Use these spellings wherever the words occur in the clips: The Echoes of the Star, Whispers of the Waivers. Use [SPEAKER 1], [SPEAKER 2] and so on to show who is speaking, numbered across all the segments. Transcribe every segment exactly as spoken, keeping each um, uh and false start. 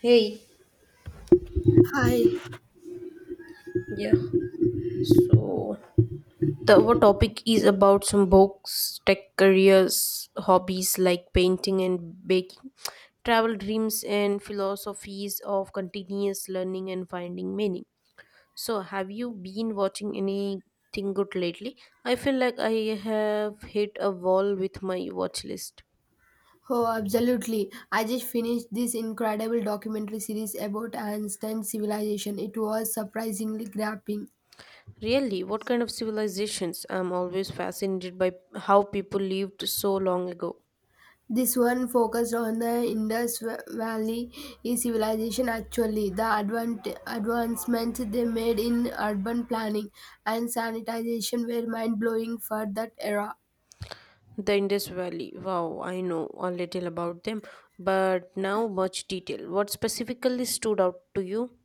[SPEAKER 1] Hey.
[SPEAKER 2] Hi.
[SPEAKER 1] Yeah, so the our topic is about some books, tech careers, hobbies like painting and baking, travel dreams, and philosophies of continuous learning and finding meaning. So, have you been watching anything good lately? I feel like I have hit a wall with my watch list.
[SPEAKER 2] Oh, absolutely. I just finished this incredible documentary series about Einstein's civilization. It was surprisingly grabbing.
[SPEAKER 1] Really, what kind of civilizations? I'm always fascinated by how people lived so long ago.
[SPEAKER 2] This one focused on the Indus Va- Valley civilization actually, the advant- advancements they made in urban planning and sanitization were mind-blowing for that era.
[SPEAKER 1] The Indus Valley. Wow, I know a little about them, but now much detail. What specifically stood out to you?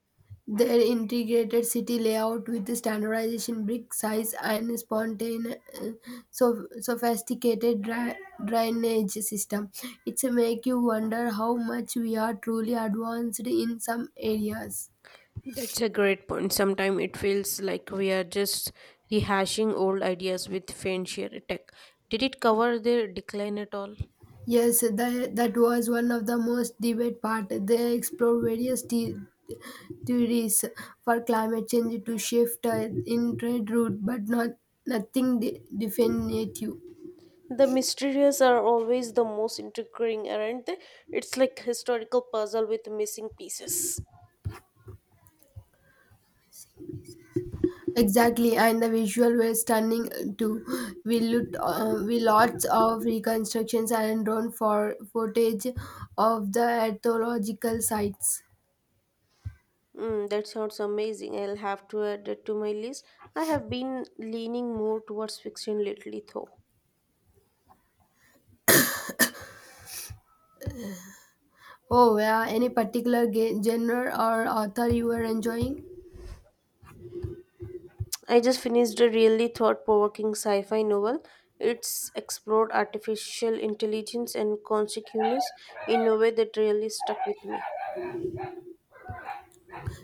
[SPEAKER 2] Their integrated city layout with the standardization brick size and spontane, uh, so sophisticated dra- drainage system. It's a make you wonder how much we are truly advanced in some areas.
[SPEAKER 1] That's a great point. Sometimes it feels like we are just rehashing old ideas with fancier tech. Did it cover their decline at all?
[SPEAKER 2] Yes, that, that was one of the most debate part. They explore various the- theories for climate change to shift uh, in trade route, but not nothing de- definitive.
[SPEAKER 1] The mysterious are always the most intriguing, aren't they? It's like historical puzzle with missing pieces.
[SPEAKER 2] Exactly, and the visual were stunning uh, too. We looked, uh, we lots of reconstructions and drone for footage of the archaeological sites.
[SPEAKER 1] Mm, that sounds amazing. I'll have to add it to my list. I have been leaning more towards fiction lately, though.
[SPEAKER 2] Oh, yeah. Any particular ge- genre or author you were enjoying?
[SPEAKER 1] I just finished a really thought provoking sci fi novel. It's explored artificial intelligence and consciousness in a way that really stuck with me.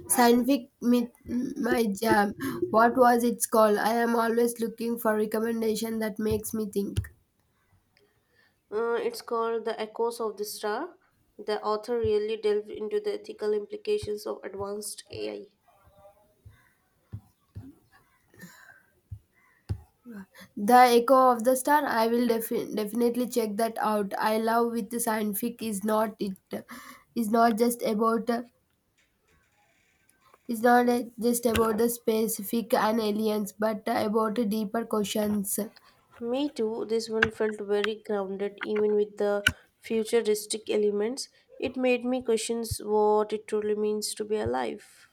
[SPEAKER 2] Scientific myth, my jam. What was it called? I am always looking for recommendation that makes me think.
[SPEAKER 1] Uh, it's called The Echoes of the Star. The author really delved into the ethical implications of advanced A I.
[SPEAKER 2] The Echo of the Star, I will defi- definitely check that out. I love with the science fic is not it is not just about it's not uh, just about the specific and aliens, but about deeper questions.
[SPEAKER 1] Me too, this one felt very grounded even with the futuristic elements. It made me question what it truly means to be alive.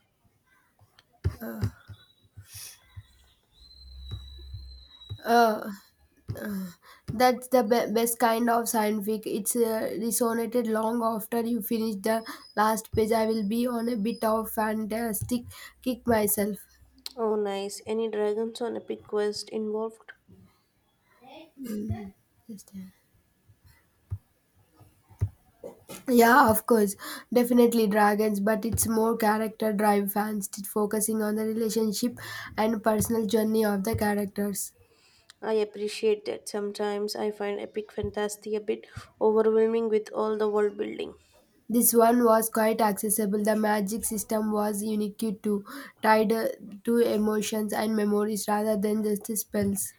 [SPEAKER 2] Uh, that's the be- best kind of science fic. It's uh, resonated long after you finish the last page. I will be on a bit of fantastic kick myself.
[SPEAKER 1] Oh, nice. Any dragons on Epic Quest involved?
[SPEAKER 2] Just, uh, Yeah, of course, definitely Dragons, but it's more character drive fans t- focusing on the relationship and personal journey of the characters.
[SPEAKER 1] I appreciate that. Sometimes I find epic fantasy a bit overwhelming with all the world building.
[SPEAKER 2] This one was quite accessible. The magic system was unique too, tied uh, to emotions and memories rather than just the spells.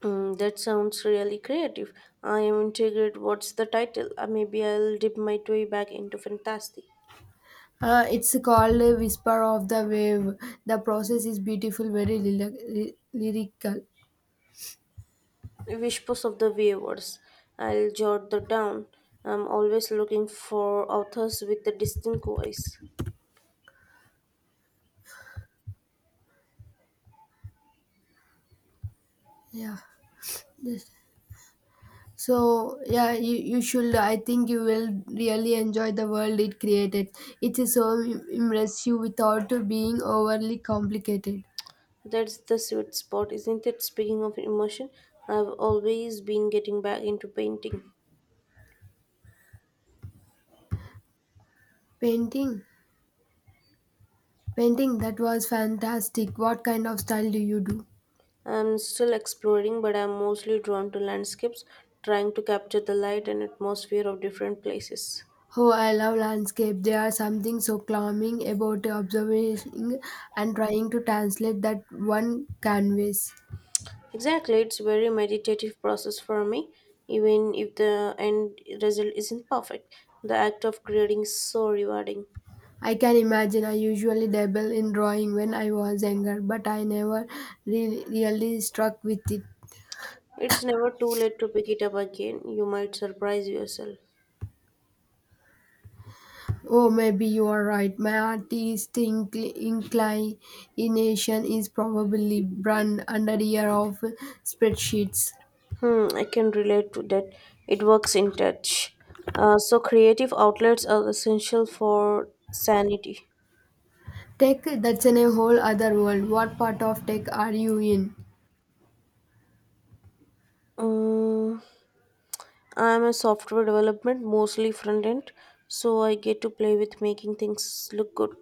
[SPEAKER 1] Mm, that sounds really creative. I am intrigued. What's the title? Uh, maybe I'll dip my toe back into fantasy.
[SPEAKER 2] Uh, it's called uh, Whisper of the Wave. The process is beautiful, very lyric- lyrical.
[SPEAKER 1] Whispers of the Waivers. I'll jot that down. I'm always looking for authors with a distinct voice.
[SPEAKER 2] Yeah. Just So yeah, you, you should. I think you will really enjoy the world it created. It is so immersive without being overly complicated.
[SPEAKER 1] That's the sweet spot, isn't it? Speaking of emotion, I've always been getting back into painting.
[SPEAKER 2] Painting, Painting that was fantastic. What kind of style do you do?
[SPEAKER 1] I'm still exploring, but I'm mostly drawn to landscapes, trying to capture the light and atmosphere of different places.
[SPEAKER 2] Oh, I love landscape. There are something so calming about observing and trying to translate that one canvas.
[SPEAKER 1] Exactly, it's a very meditative process for me, even if the end result isn't perfect. The act of creating is so rewarding.
[SPEAKER 2] I can imagine I usually dabble in drawing when I was younger, but I never re- really struck with it.
[SPEAKER 1] It's never too late to pick it up again. You might surprise yourself.
[SPEAKER 2] Oh, maybe you are right. My artistic incl- inclination is probably run under a year of spreadsheets.
[SPEAKER 1] Hmm, I can relate to that. It works in touch. Uh, so creative outlets are essential for sanity.
[SPEAKER 2] Tech, that's in a whole other world. What part of tech are you in?
[SPEAKER 1] Mm, I'm a software development, mostly front end, so I get to play with making things look good.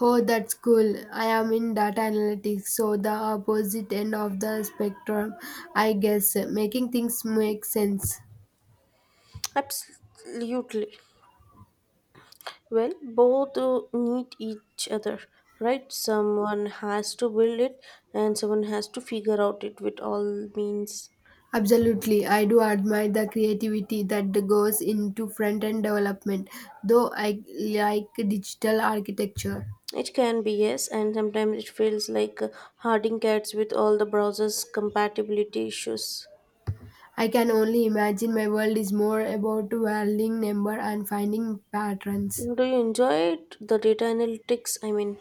[SPEAKER 2] Oh, that's cool. I am in data analytics, so the opposite end of the spectrum, I guess. Making things make sense.
[SPEAKER 1] Absolutely. Well, both uh, need each other, right? Someone has to build it and someone has to figure out it with all means.
[SPEAKER 2] Absolutely, I do admire the creativity that goes into front end development, though I like digital architecture.
[SPEAKER 1] It can be, yes, and sometimes it feels like uh, herding cats with all the browser's compatibility issues.
[SPEAKER 2] I can only imagine my world is more about valuing number and finding patterns.
[SPEAKER 1] Do you enjoy it? The data analytics, I mean.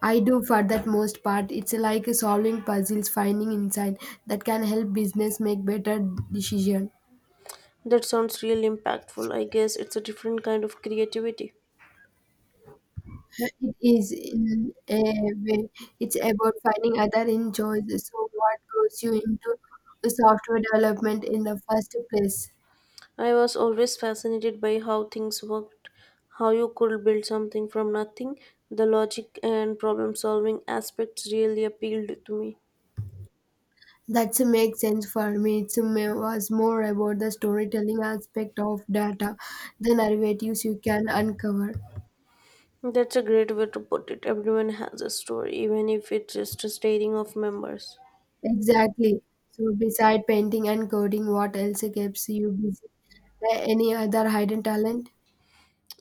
[SPEAKER 2] I do for that most part. It's like solving puzzles, finding insight that can help business make better decision.
[SPEAKER 1] That sounds real impactful. I guess it's a different kind of creativity.
[SPEAKER 2] Uh, It is in a way. It's about finding other enjoys. So, what goes you into software development in the first place?
[SPEAKER 1] I was always fascinated by how things worked, how you could build something from nothing. The logic and problem solving aspects really appealed to me.
[SPEAKER 2] That makes sense for me. It was more about the storytelling aspect of data, the narratives you can uncover.
[SPEAKER 1] That's a great way to put it. Everyone has a story, even if it's just a staring of members.
[SPEAKER 2] Exactly. So, beside painting and coding, what else keeps you busy? Uh, Any other hidden talent?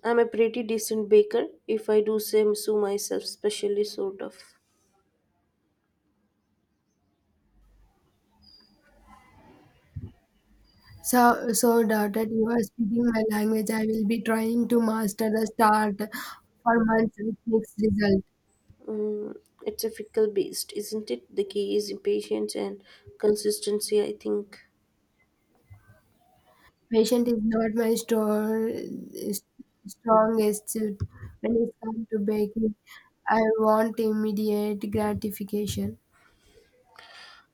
[SPEAKER 1] I'm a pretty decent baker, if I do say so myself, especially sort of.
[SPEAKER 2] So, so that you are speaking my language, I will be trying to master the start for months with mixed result.
[SPEAKER 1] Mm, it's a fickle beast, isn't it? The key is patience and consistency, I think.
[SPEAKER 2] Patient is not my store, strongest suit. When it comes to baking, I want immediate gratification.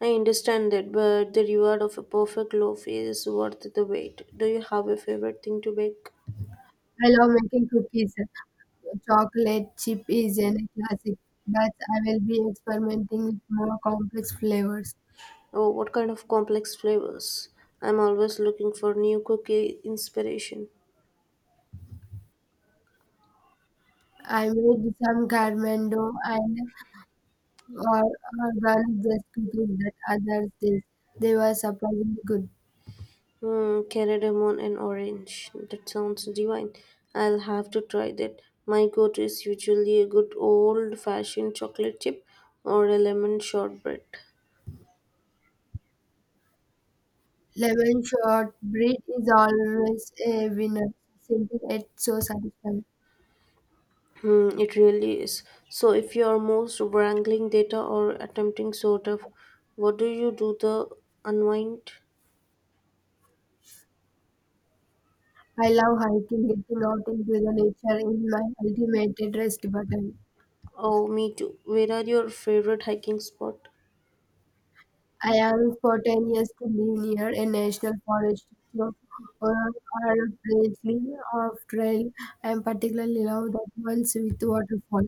[SPEAKER 1] I understand that, but the reward of a perfect loaf is worth the wait. Do you have a favorite thing to bake?
[SPEAKER 2] I love making cookies. Chocolate chip is a classic, but I will be experimenting with more complex flavors.
[SPEAKER 1] Oh, what kind of complex flavors? I'm always looking for new cookie inspiration.
[SPEAKER 2] I made some carmendo and or, or valued the skills that others did. They were surprisingly good.
[SPEAKER 1] Hmm, cardamom and orange. That sounds divine. I'll have to try that. My go-to is usually a good old-fashioned chocolate chip or a lemon shortbread.
[SPEAKER 2] Lemon shortbread is always a winner. Simple yet so satisfying.
[SPEAKER 1] Hmm, it really is. So, if you are most wrangling data or attempting sort of, what do you do the unwind?
[SPEAKER 2] I love hiking, getting out into the nature is my ultimate rest button.
[SPEAKER 1] Oh, me too. Where are your favorite hiking spot?
[SPEAKER 2] I am spontaneous to live near a national forest so, or, or a place of trail. I am particularly love that ones with waterfall.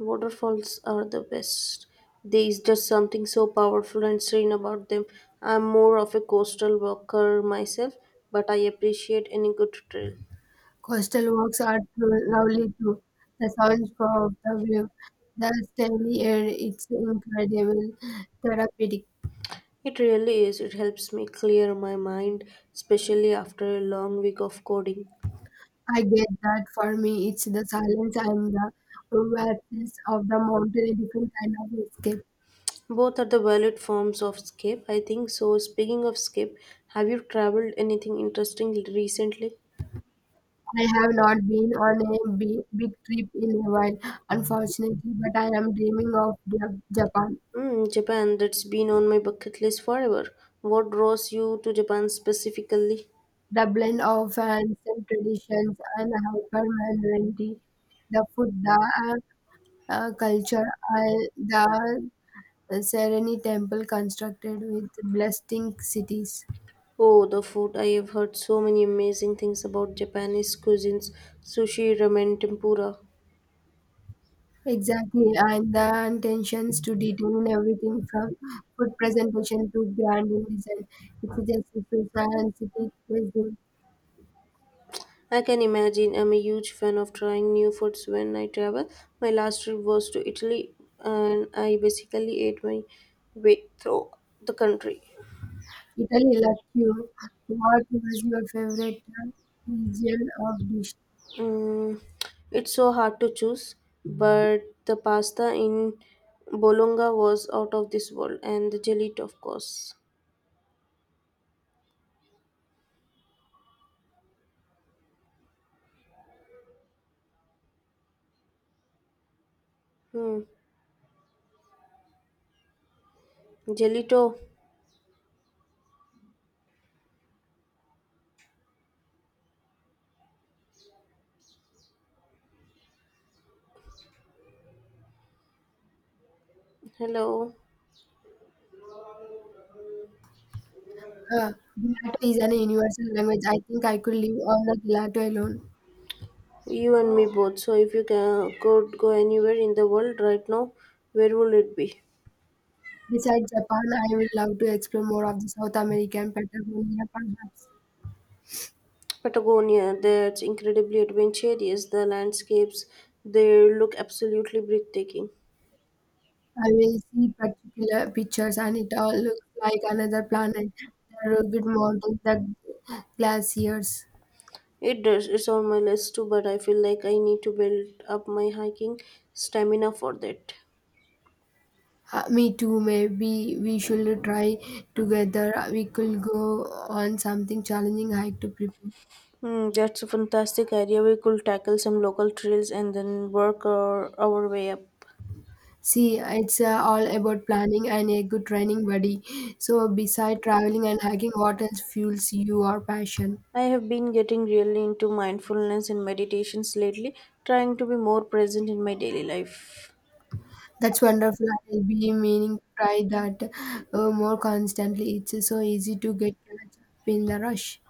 [SPEAKER 1] Waterfalls are the best. There is just something so powerful and serene about them. I'm more of a coastal walker myself, but I appreciate any good trail.
[SPEAKER 2] Coastal walks are too lovely too. The sounds of the wave, the steady air, it's incredible therapeutic.
[SPEAKER 1] It really is. It helps me clear my mind, especially after a long week of coding.
[SPEAKER 2] I get that for me, it's the silence and the vastness of the mountain, a different kind of escape.
[SPEAKER 1] Both are the valid forms of escape, I think. So, speaking of escape, have you traveled anything interesting recently?
[SPEAKER 2] I have not been on a big, big trip in a while, unfortunately, but I am dreaming of Ja- Japan.
[SPEAKER 1] Mm, Japan, that's been on my bucket list forever. What draws you to Japan specifically?
[SPEAKER 2] The blend of ancient traditions and hyper modernity, the food, the uh, culture are the Sereni temple constructed with blasting cities.
[SPEAKER 1] Oh, the food. I have heard so many amazing things about Japanese cuisines, sushi, ramen, tempura.
[SPEAKER 2] Exactly, and the intentions to detail in everything from food presentation to grand design. It's just a social and city present.
[SPEAKER 1] I can imagine I'm a huge fan of trying new foods when I travel. My last trip was to Italy and I basically ate my way through the country.
[SPEAKER 2] Italy, like you, what was your favorite uh, region of dish?
[SPEAKER 1] Mm, it's so hard to choose, but the pasta in Bologna was out of this world, and the gelato, of course. Hmm. Gelato, hello,
[SPEAKER 2] Uh, Gelato is an universal language. I think I could live on the gelato alone.
[SPEAKER 1] you and me both. So, if you can, could go anywhere in the world right now, where would it be?
[SPEAKER 2] Besides Japan, I would love to explore more of the South American Patagonia, perhaps.
[SPEAKER 1] Patagonia, that's incredibly adventurous. The landscapes, they look absolutely breathtaking.
[SPEAKER 2] I will see particular pictures and it all looks like another planet. The rugged mountains, the glaciers.
[SPEAKER 1] It does, it's on my list too, but I feel like I need to build up my hiking stamina for that.
[SPEAKER 2] Uh, me too, maybe we should try together. We could go on something challenging hike to prepare.
[SPEAKER 1] Hmm, that's a fantastic idea. We could tackle some local trails and then work our, our way up.
[SPEAKER 2] See, it's uh, all about planning and a good training buddy. So, beside traveling and hiking, what else fuels your passion?
[SPEAKER 1] I have been getting really into mindfulness and meditations lately, trying to be more present in my daily life.
[SPEAKER 2] That's wonderful. I'll be meaning to try that uh, more constantly. It's so easy to get caught up in the rush.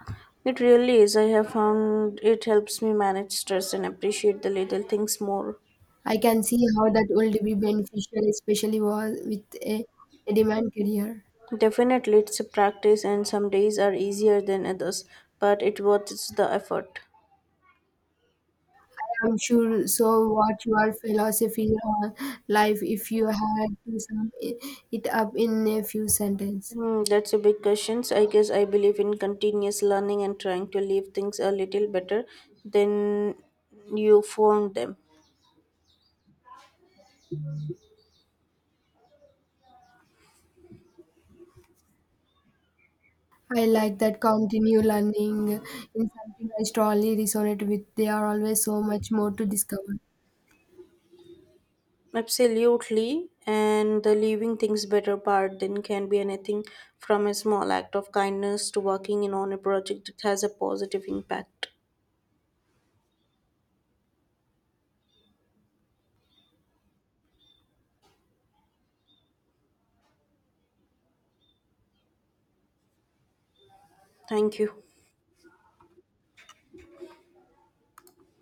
[SPEAKER 1] It really is. I have found it helps me manage stress and appreciate the little things more.
[SPEAKER 2] I can see how that would be beneficial, especially wa- with a, a demand career.
[SPEAKER 1] Definitely, it's a practice, and some days are easier than others, but it worth the effort.
[SPEAKER 2] I'm sure. So, what your philosophy on life if you had to sum i- it up in a few sentences?
[SPEAKER 1] Hmm, that's a big question. So, I guess I believe in continuous learning and trying to leave things a little better than you found them.
[SPEAKER 2] I like that continue learning in something I strongly resonate with. There are always so much more to discover.
[SPEAKER 1] Absolutely. And the leaving things better part then can be anything from a small act of kindness to working in on a project that has a positive impact. Thank you.